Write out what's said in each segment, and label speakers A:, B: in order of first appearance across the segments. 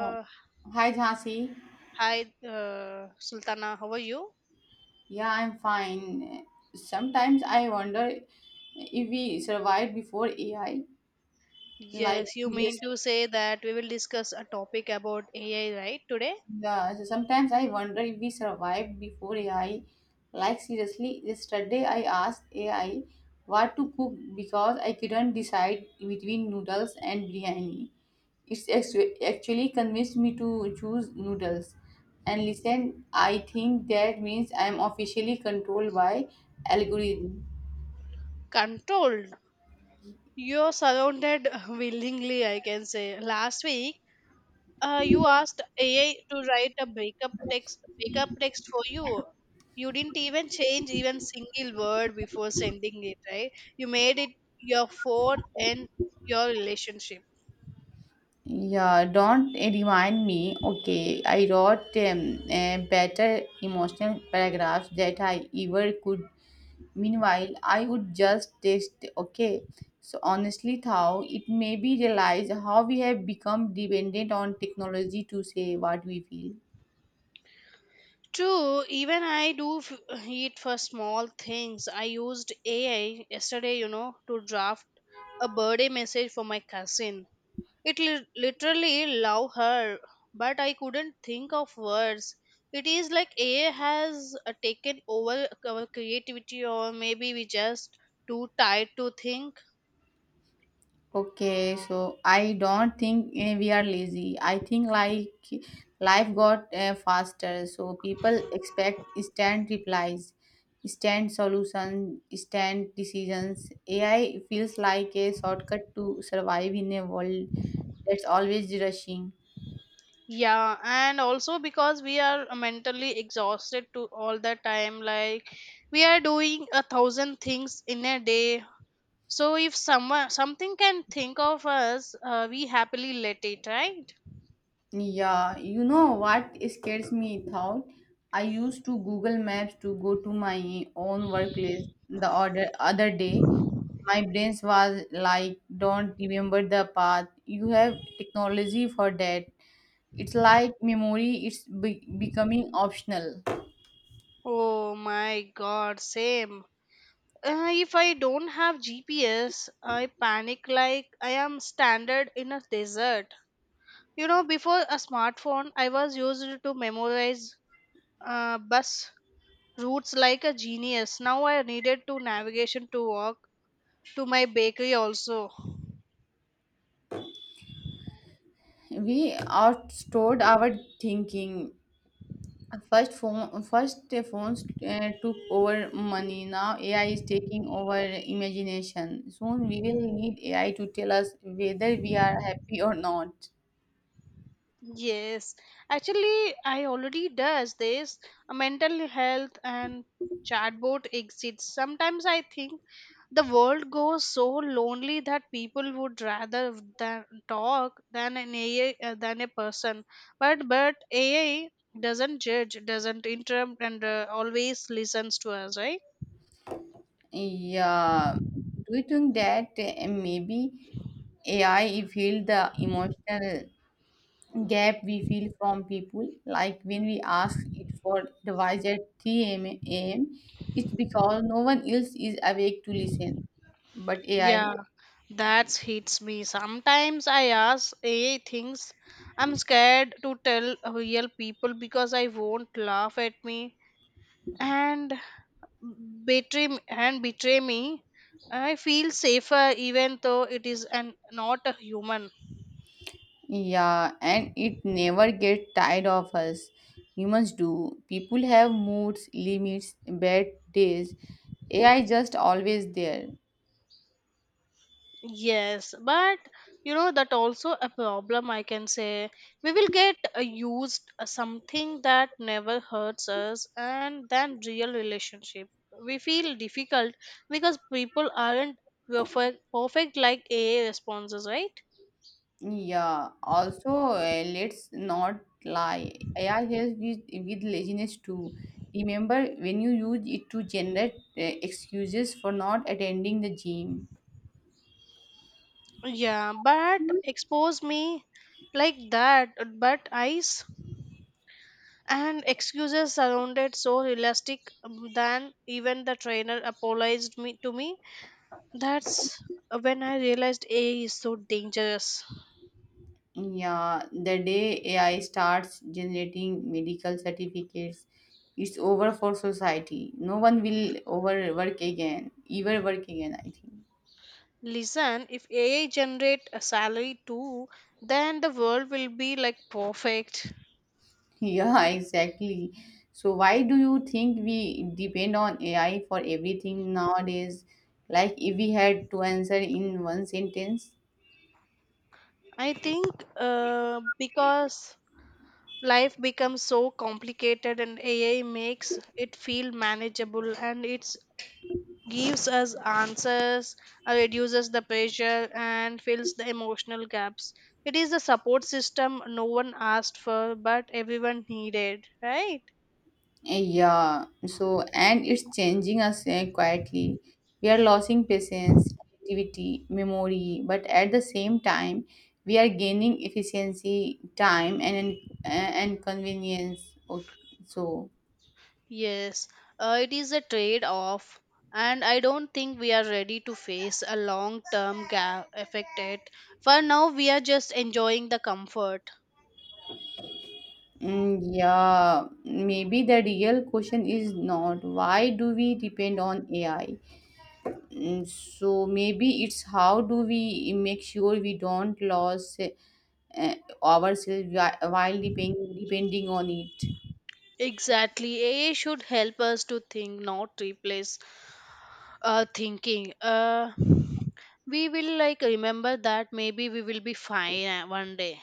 A: Oh, hi, Jhansi.
B: Hi, Sultana, how are you?
A: Yeah, I'm fine. Sometimes I wonder if we survived before AI. Like,
B: Yes, you mean
A: seriously.
B: to say that we will discuss a topic about AI, right? Today,
A: Yeah, so sometimes I wonder if we survived before AI. Like seriously, yesterday I asked AI what to cook because I couldn't decide between noodles and biryani. It's actually convinced me to choose noodles. And listen, I think that means I'm officially controlled by algorithm.
B: controlled. You're surrounded willingly, I can say. Last week, you asked AI to write a breakup text for you. You didn't even change even single word before sending it, right? You made it your phone and your relationship.
A: Yeah, don't remind me. Okay, I wrote better emotional paragraphs that I ever could. Meanwhile, I would just taste okay. So honestly, Thao, it may be realize how we have become dependent on technology to say what we feel.
B: True, even I do it for small things. I used AI yesterday, you know, to draft a birthday message for my cousin. It literally love her, but I couldn't think of words. It is like AI has taken over our creativity, or maybe we just too tired to think.
A: Okay, so I don't think we are lazy. I think like life got faster, so people expect instant replies, instant solutions, instant decisions. AI feels like a shortcut to survive in a world that's always rushing.
B: Yeah, and also because we are mentally exhausted to all the time, like we are doing a thousand things in a day. So if someone something can think of us, we happily let it, right?
A: Yeah, you know what scares me, Thought? I used to Google Maps to go to my own workplace the other day. My brain was like, don't remember the path. You have technology for that. It's like memory, it's be becoming optional.
B: Oh my god, same. If I don't have GPS, I panic like I am stranded in a desert. You know, before a smartphone, I was used to memorize bus routes like a genius. Now I needed to navigation to walk to my bakery also.
A: We outstored our thinking. First phones took over money. Now AI is taking over imagination. Soon we will need AI to tell us whether we are happy or not.
B: Yes, actually, I already does this mental health and chatbot exists. Sometimes I think the world goes so lonely that people would rather than talk than an AI than a person. But AI doesn't judge, doesn't interrupt, and always listens to us, right?
A: Yeah, do you think that maybe AI filled the emotional gap we feel from people? Like when we ask it for advice at 3 a.m., it's because no one else is awake to listen but AI.
B: Yeah, that hits me. Sometimes I ask AI things. I'm scared to tell real people because I won't laugh at me and and betray me. I feel safer even though it is an not a human.
A: Yeah, and it never get tired of us. Humans do. People have moods, limits, bad days. AI just always there.
B: Yes, but you know that also a problem I can say. We will get used something that never hurts us and then real relationship. We feel difficult because people aren't perfect, perfect like AA responses, right?
A: Yeah. Also, let's not lie. AI helps with laziness too. Remember when you use it to generate excuses for not attending the gym.
B: Yeah, but expose me like that, but eyes and excuses surrounded so realistic than even the trainer apologized me to me. That's when I realized AI is so dangerous.
A: Yeah, the day AI starts generating medical certificates, it's over for society. No one will overwork again, ever work again, I think.
B: Listen, if AI generate a salary too, then the world will be like perfect.
A: Yeah, exactly. So, why do you think we depend on AI for everything nowadays? Like, if we had to answer in one sentence.
B: I think because life becomes so complicated and AI makes it feel manageable and it gives us answers, reduces the pressure and fills the emotional gaps. It is a support system no one asked for but everyone needed, right?
A: Yeah, so and it's changing us quietly. We are losing patience, creativity, memory, but at the same time, we are gaining efficiency, time, and convenience. So,
B: Yes, it is a trade off, and I don't think we are ready to face a long term gap affected. For now, we are just enjoying the comfort.
A: yeah, maybe the real question is not why do we depend on AI. So maybe it's how do we make sure we don't lose eh, ourselves while depending on it.
B: Exactly, AI should help us to think, not replace thinking. We will like remember that maybe we will be fine one day.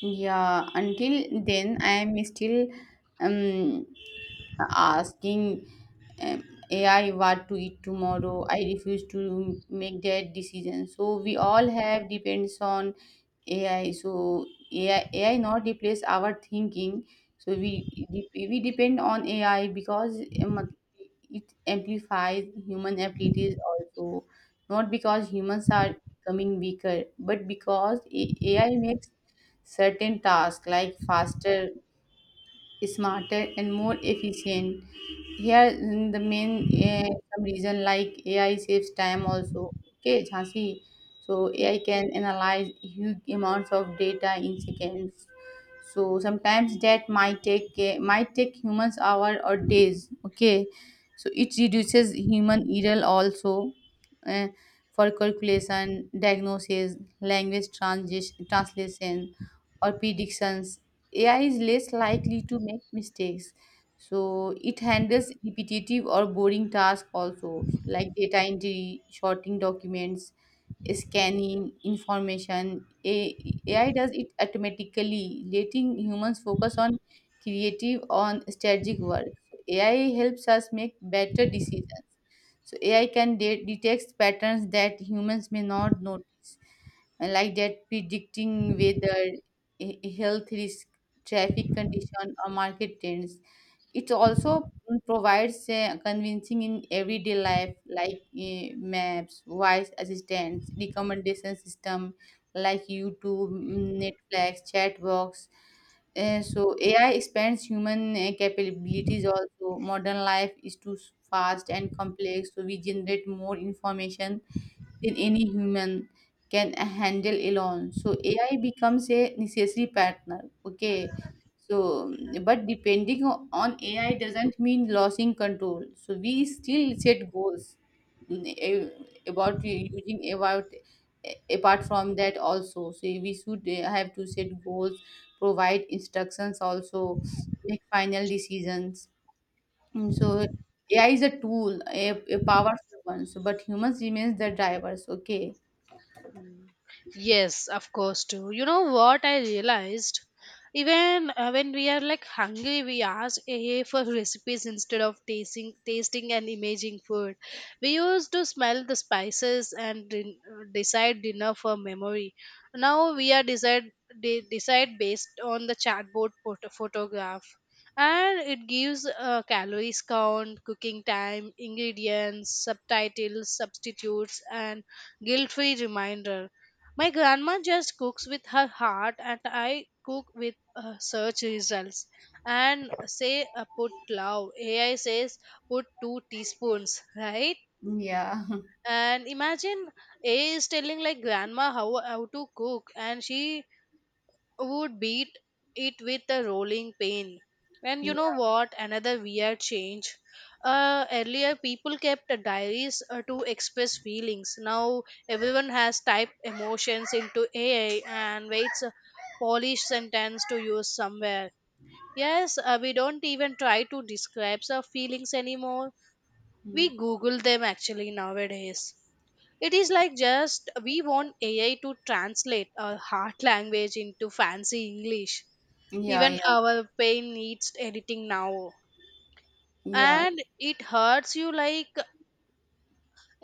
A: Yeah, until then, I am still um, asking um, AI what to eat tomorrow. I refuse to make that decision. So we all have depends on AI. So AI not replace our thinking. So we we depend on AI because it amplifies human abilities also. Not because humans are becoming weaker, but because AI makes certain tasks like faster, smarter, and more efficient here. The main some reason like AI saves time also. Okay, Jhansi. So AI can analyze huge amounts of data in seconds. So sometimes that might take humans hour or days. Okay, so it reduces human error also eh, for calculation, diagnosis, language transition, translation, or predictions. AI is less likely to make mistakes, so it handles repetitive or boring tasks also, like data entry, sorting documents, scanning information. AI does it automatically, letting humans focus on creative on strategic work. AI helps us make better decisions. So AI can detect patterns that humans may not notice and like that, predicting weather, health risk, traffic condition, or market trends. It also provides convincing in everyday life, like maps, voice assistants, recommendation system, like YouTube, Netflix, chatbox. So AI expands human capabilities also. Modern life is too fast and complex, so we generate more information in any human can handle alone. So AI becomes a necessary partner. Okay. So, but depending on AI doesn't mean losing control. So we still set goals, mm, a- about u- using about a- apart from that also. So we should have to set goals, provide instructions also, make final decisions. So AI is a tool, a powerful one, so, but humans remains the drivers. Okay.
B: Yes, of course too. You know what I realized? Even when we are like hungry, we ask AI for recipes instead of tasting and imaging food. We used to smell the spices and decide dinner for memory. Now we are decide based on the chatbot photograph, and it gives calories count, cooking time, ingredients, subtitles, substitutes, and guilt-free reminder. My grandma just cooks with her heart, and I cook with search results. And say, put love. AI says, put two teaspoons, right?
A: Mm. Yeah.
B: And imagine AI is telling like grandma how to cook, and she would beat it with a rolling pin. And
A: Yeah.
B: you know what? Another weird change. Earlier, people kept diaries to express feelings. Now, everyone has typed emotions into AI and waits a polished sentence to use somewhere. Yes, we don't even try to describe our feelings anymore.
A: Mm.
B: We Google them actually nowadays. It is like just we want AI to translate our heart language into fancy English,
A: Yeah.
B: even
A: Yeah.
B: our pain needs editing now,
A: Yeah.
B: and it hurts you like,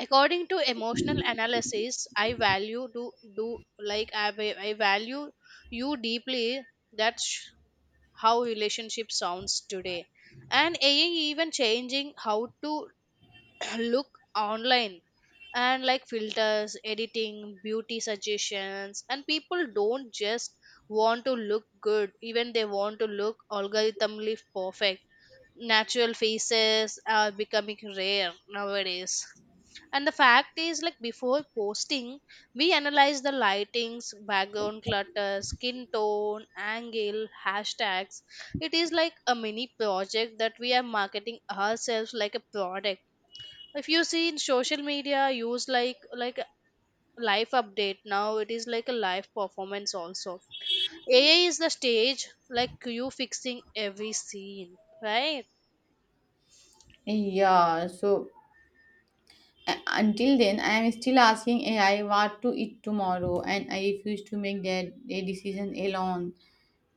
B: according to emotional analysis, I value do do like I, va- I value you deeply. that's sh- how relationship sounds today. And AI even changing how to look online, and like filters, editing, beauty suggestions, and people don't just want to look good, even they want to look algorithmically perfect. Natural faces are becoming rare nowadays, and the fact is like before posting we analyze the lightings, background clutter, skin tone, angle, hashtags. It is like a mini project, that we are marketing ourselves like a product. If you see in social media use like a live update, now it is like a live performance also. AI is the stage, like you fixing every scene, right?
A: Yeah. So until then, I am still asking AI what to eat tomorrow, and I refuse to make that a decision alone.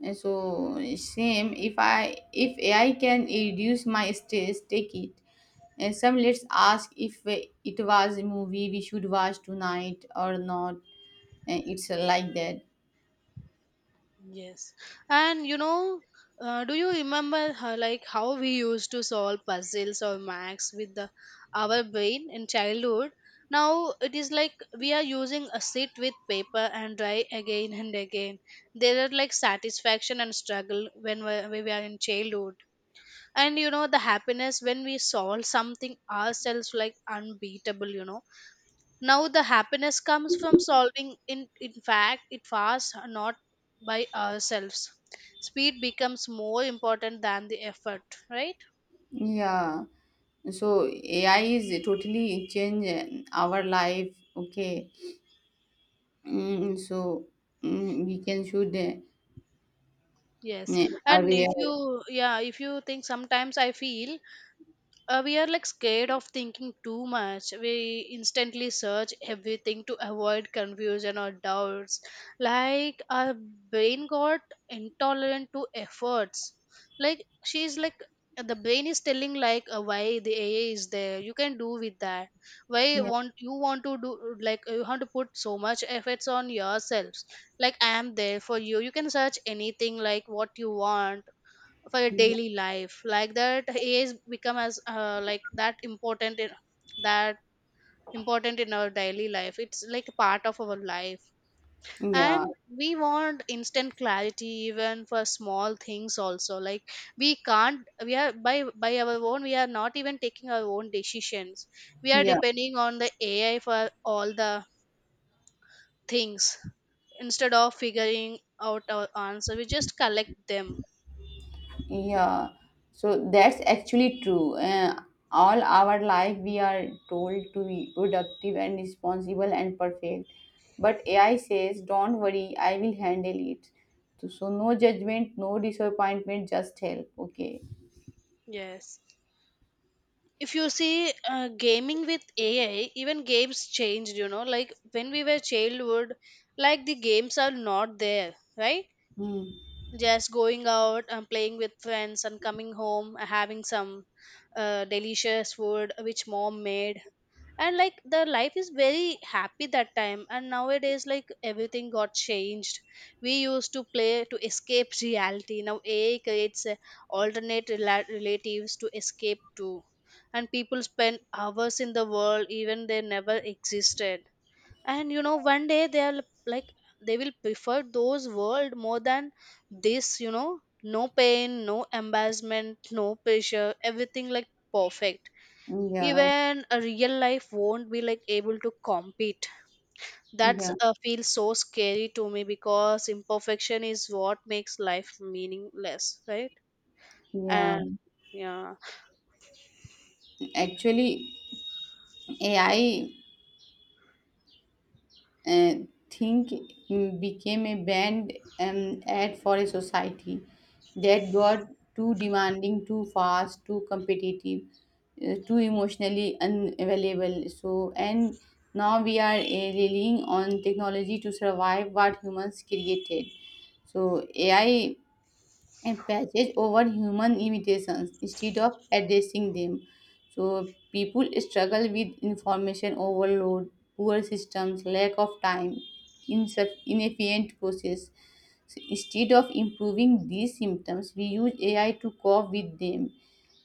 A: And so same, if AI can reduce my stress, take it. And some, let's ask if it was a movie we should watch tonight or not. And it's like that.
B: Yes, and you know, do you remember how we used to solve puzzles or max with the our brain in childhood? Now it is like we are using a sit with paper and try again and again. There are like satisfaction and struggle when when we are in childhood, and you know the happiness when we solve something ourselves like unbeatable, you know. Now the happiness comes from solving in fact it fast, not by ourselves. Speed becomes more important than the effort, right?
A: Yeah, so AI is totally change our life. Okay. So we can should
B: Yes, and if
A: aware.
B: you yeah if you think, sometimes I feel we are like scared of thinking too much. We instantly search everything to avoid confusion or doubts, like our brain got intolerant to efforts. Like she's like, the brain is telling like, why the AI is there, you can do with that. Why
A: Yeah.
B: want you want to do, like you want to put so much efforts on yourselves? Like, I am there for you, you can search anything like what you want for your
A: Mm.
B: daily life. Like that, AI is become as like that important in our daily life. It's like a part of our life.
A: Yeah,
B: And we want instant clarity even for small things also, like we can't, we are by our own, we are not even taking our own decisions, we are
A: yeah,
B: depending on the AI for all the things. Instead of figuring out our answer, we just collect them.
A: yeah. So that's actually true. All our life we are told to be productive and responsible and perfect, but AI says don't worry, I will handle it. So no judgment, no disappointment, just help. Okay.
B: Yes, if you see, gaming with AI, even games changed, you know. Like when we were childhood, like the games are not there, right?
A: Hmm.
B: Just going out and playing with friends and coming home having some delicious food which mom made, and like the life is very happy that time. And nowadays like everything got changed. We used to play to escape reality, now AI creates relatives to escape to, and people spend hours in the world even they never existed. And you know, one day they are like, they will prefer those world more than this, you know. No pain, no embarrassment, no pressure, everything like perfect.
A: Yeah,
B: Even a real life won't be like able to compete. That's
A: yeah,
B: feels so scary to me, because imperfection is what makes life meaningless, right?
A: yeah.
B: And yeah.
A: Actually, AI, uh, think became a banned ad for a society that got too demanding, too fast, too competitive, too emotionally unavailable. So, and now we are relying on technology to survive what humans created. So AI and patches over human imitations instead of addressing them. So people struggle with information overload, poor systems, lack of time, inefficient process. So instead of improving these symptoms, we use AI to cope with them,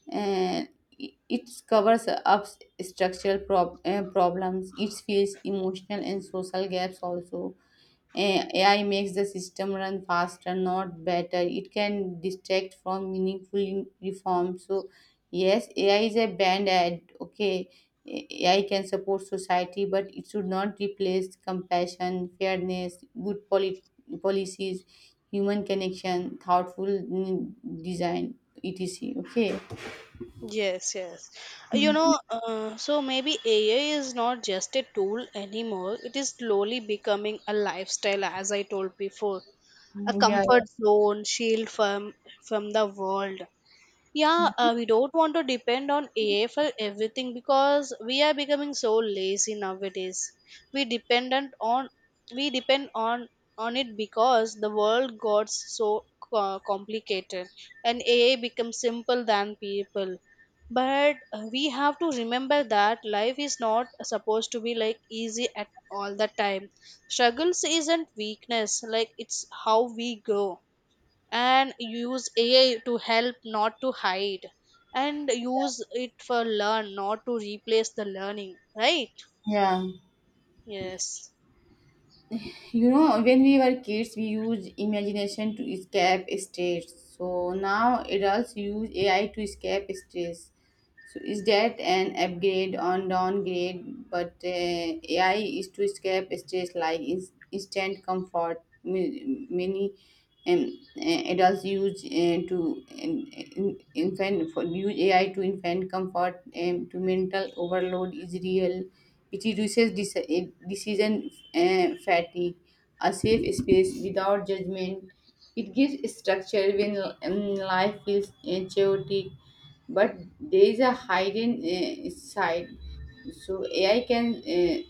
A: and it covers up structural problems. It fills emotional and social gaps also. AI makes the system run faster, not better. It can distract from meaningful reform. So, yes, AI is a band aid. Okay, AI can support society, but it should not replace compassion, fairness, good policies, human connection, thoughtful design, etc. Okay.
B: Yes, yes, you know, so maybe AI is not just a tool anymore, it is slowly becoming a lifestyle, as I told before. A
A: Mm, yeah,
B: comfort zone, shield from the world. Yeah, we don't want to depend on AI for everything because we are becoming so lazy nowadays. We dependent on we depend on it because the world got so complicated and AI becomes simple than people. But we have to remember that life is not supposed to be like easy at all the time. Struggles isn't weakness, like it's how we grow, and use AI to help not to hide, and use it for learn not to replace the learning, right?
A: yeah.
B: Yes.
A: You know, when we were kids, we used imagination to escape stress. So now adults use AI to escape stress. So is that an upgrade on downgrade? But AI is to escape stress like instant comfort. Many um, adults use AI to infant comfort, to mental overload is real. It reduces decision fatigue, a safe space without judgment. It gives structure when life feels chaotic, but there is a hidden side. So AI can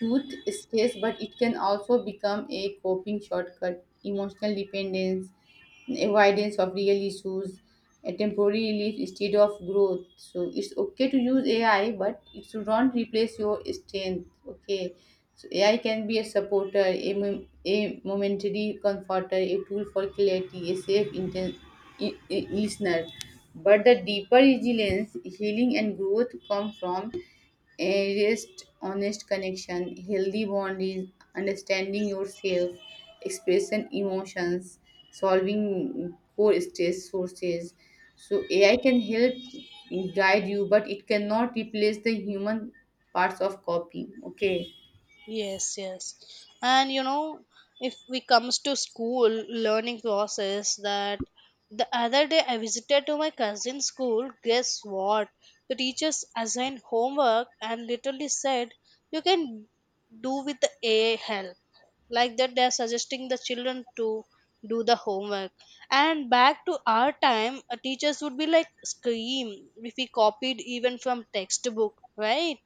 A: Youth stays, but it can also become a coping shortcut, emotional dependence, avoidance of real issues, a temporary relief instead of growth. So it's okay to use AI, but it should not replace your strength. Okay, so AI can be a supporter, a momentary comforter, a tool for clarity, a safe listener. But the deeper resilience, healing, and growth come from earliest honest connection. Healthy bond is understanding yourself, expressing emotions, solving core stress sources. So AI can help guide you, but it cannot replace the human parts of copy. Okay.
B: Yes, yes. And you know, if we comes to school learning process, that the other day I visited to my cousin's school, guess what? The teachers assigned homework and literally said you can do with the AI help. Like that they are suggesting the children to do the homework. And back to our time, teachers would be like scream if we copied even from textbook, right?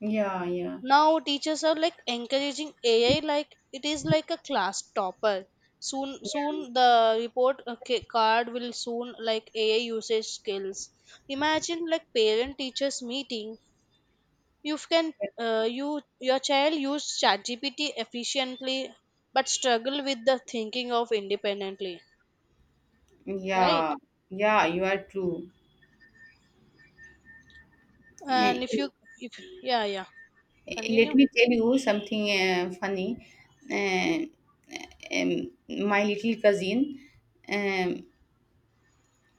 A: Yeah, yeah,
B: Now teachers are like encouraging AI like it is like a class topper. Soon the report card will soon like AI usage skills. Imagine like parent teachers meeting. You can you your child use ChatGPT efficiently, but struggle with the thinking of independently, right?
A: yeah, yeah. You are true. Uh,
B: And if you if yeah yeah
A: Let
B: continue.
A: me tell you something funny. Uh, um, my little cousin. Um,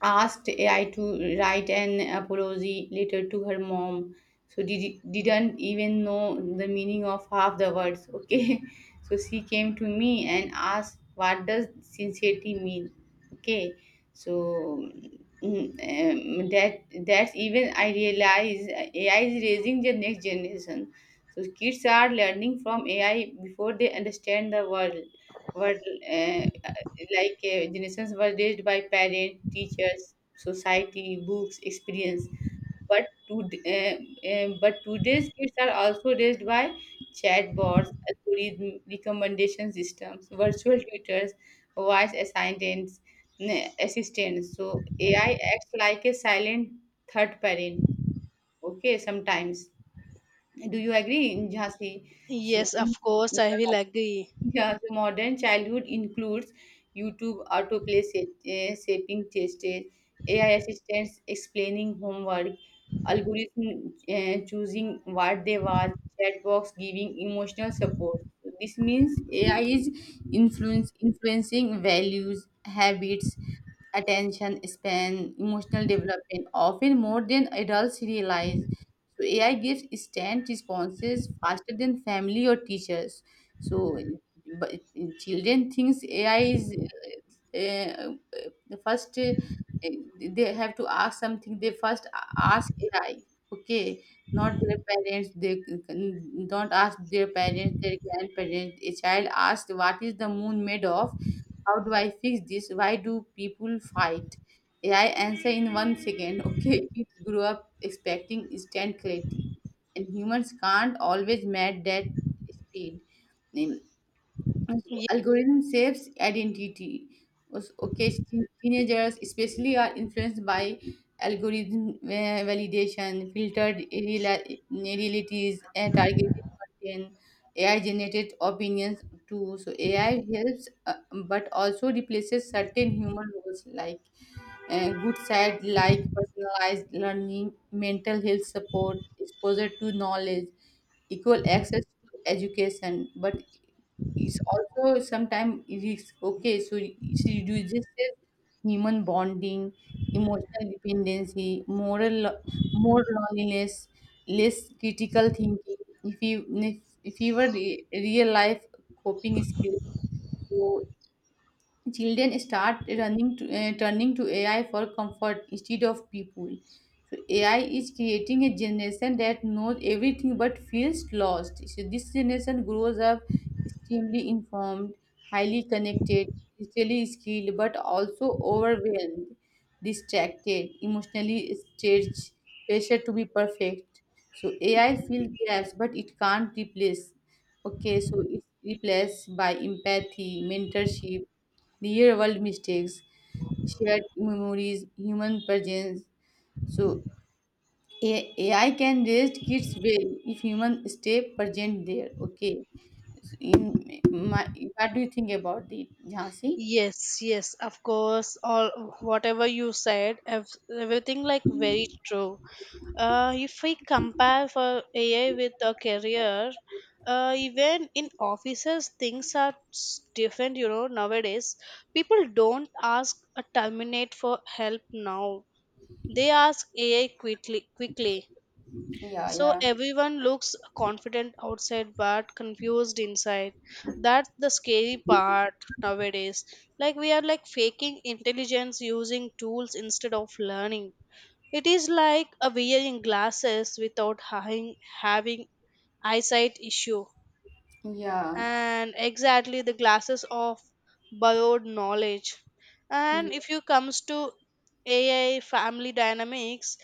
A: asked AI to write an apology letter to her mom. So didn't even know the meaning of half the words. Okay, so she came to me and asked, "What does sincerity mean?" Okay, so that's even I realize AI is raising the next generation. So kids are learning from AI before they understand the world. World. uh, like generations were raised by parents, teachers, society, books, experience, but to but today's kids are also raised by chatbots, algorithm, recommendation systems, virtual tutors, voice assistants. So AI acts like a silent third parent. Okay, sometimes. Do you agree, Jhansi? See,
B: Yes, of course I will agree.
A: yeah, so modern childhood includes YouTube autoplay, shaping test, AI assistants explaining homework, algorithm choosing what they watch, chat box giving emotional support. This means AI is influence influencing values, habits, attention span, emotional development, often more than adults realize. So AI gives instant responses faster than family or teachers. So but children thinks AI is uh, the first. They have to ask something, they first ask AI. Okay, not their parents. They don't ask their parents, their grandparents. A child asks, what is the moon made of, how do I fix this, why do people fight? AI answer in 1 second. Okay, kids grew up expecting instant clarity, and humans can't always match that speed. And so algorithm saves identity. Also, okay, teenagers especially are influenced by algorithm validation, filtered realities, and targeted content, AI-generated opinions too. So AI helps, but also replaces certain human roles like good side, like personalized learning, mental health support, exposure to knowledge, equal access to education, but it's also sometimes it is okay. So it reduces human bonding, emotional dependency, moral, more loneliness, less critical thinking. if you if, if you were real life coping skills. So children start running to, turning to AI for comfort instead of people. So AI is creating a generation that knows everything but feels lost. So this generation grows up extremely informed, highly connected, digitally skilled, but also overwhelmed, distracted, emotionally stretched, pressure to be perfect. So AI fills gaps, but it can't replace. Okay, so it's replaced by empathy, mentorship, the real world mistakes, shared memories, human presence. So AI can raise kids well if human stay present there. Okay. So in my, what do you think about it, Jhansi?
B: Yes, yes, of course. All whatever you said, everything like very true. If we compare for AI with a career, even in offices, things are different. You know, nowadays people don't ask a terminate for help now. They ask AI quickly. Quickly,
A: Yeah,
B: so
A: yeah,
B: everyone looks confident outside but confused inside. That's the scary part nowadays. Like we are like faking intelligence using tools instead of learning. It is like a wearing glasses without having eyesight issue,
A: yeah,
B: and exactly the glasses of borrowed knowledge.
A: yeah,
B: And if you comes to AI family dynamics,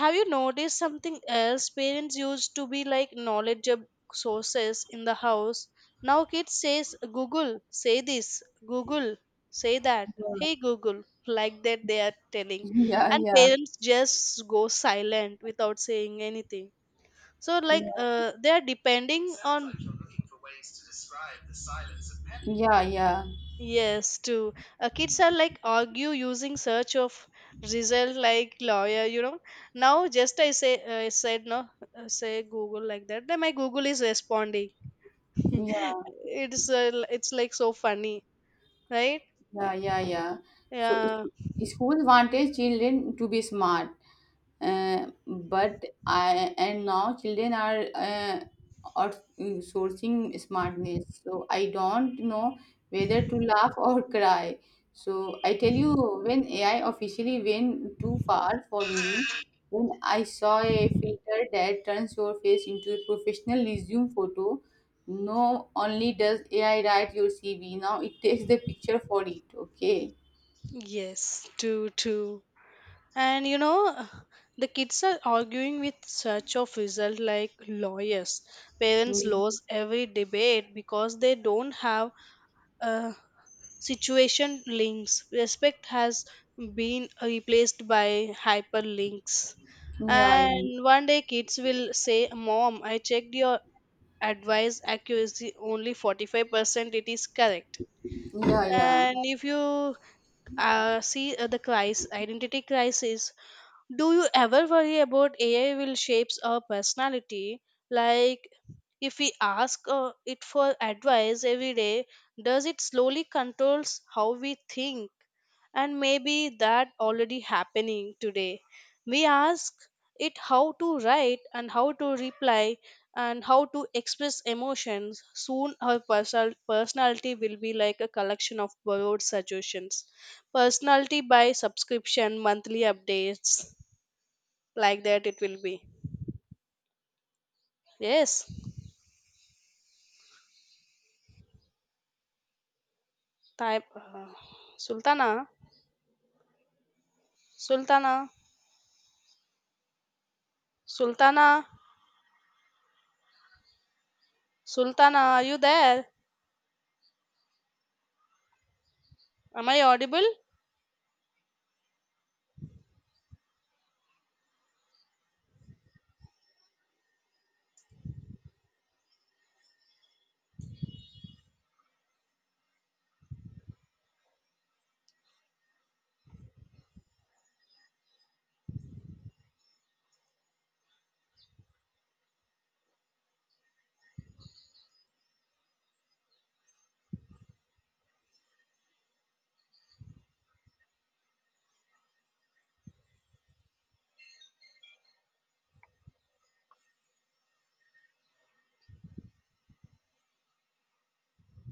B: have you noticed something else? Parents used to be like knowledgeable sources in the house. Now kids says Google say this, Google say that, hey Google like that they are telling,
A: yeah, yeah, yeah,
B: and
A: yeah,
B: parents just go silent without saying anything. So, like, they are depending on.
A: yeah,
B: Yes, too. Kids are like argue using search of result like lawyer, you know. Now just I say I said no, say Google like that. Then my Google is responding.
A: yeah,
B: It's it's like so funny, right?
A: yeah, yeah. So,
B: Yeah.
A: schools wanted children to be smart. But I and now children are sourcing smartness. So I don't know whether to laugh or cry. So I tell you, when AI officially went too far for me, when I saw a filter that turns your face into a professional resume photo, no only does AI write your CV, now it takes the picture for it. Okay.
B: Yes, too, too. And you know, the kids are arguing with search of result like lawyers. Parents
A: Mm.
B: lose every debate because they don't have uh, situation links. Respect has been replaced by hyperlinks.
A: Yeah, yeah,
B: And one day kids will say, Mom, I checked your advice accuracy only 45%, it is correct.
A: yeah,
B: And
A: yeah.
B: if you see the crisis, identity crisis, do you ever worry about AI will shapes our personality? Like, if we ask it for advice every day, does it slowly controls how we think? And maybe that already happening today. We ask it how to write and how to reply and how to express emotions. Soon our personality will be like a collection of borrowed suggestions. Personality by subscription, monthly updates like that it will be. Yes, type Sultana, Sultana, Sultana, Sultana, are you there? Am I audible?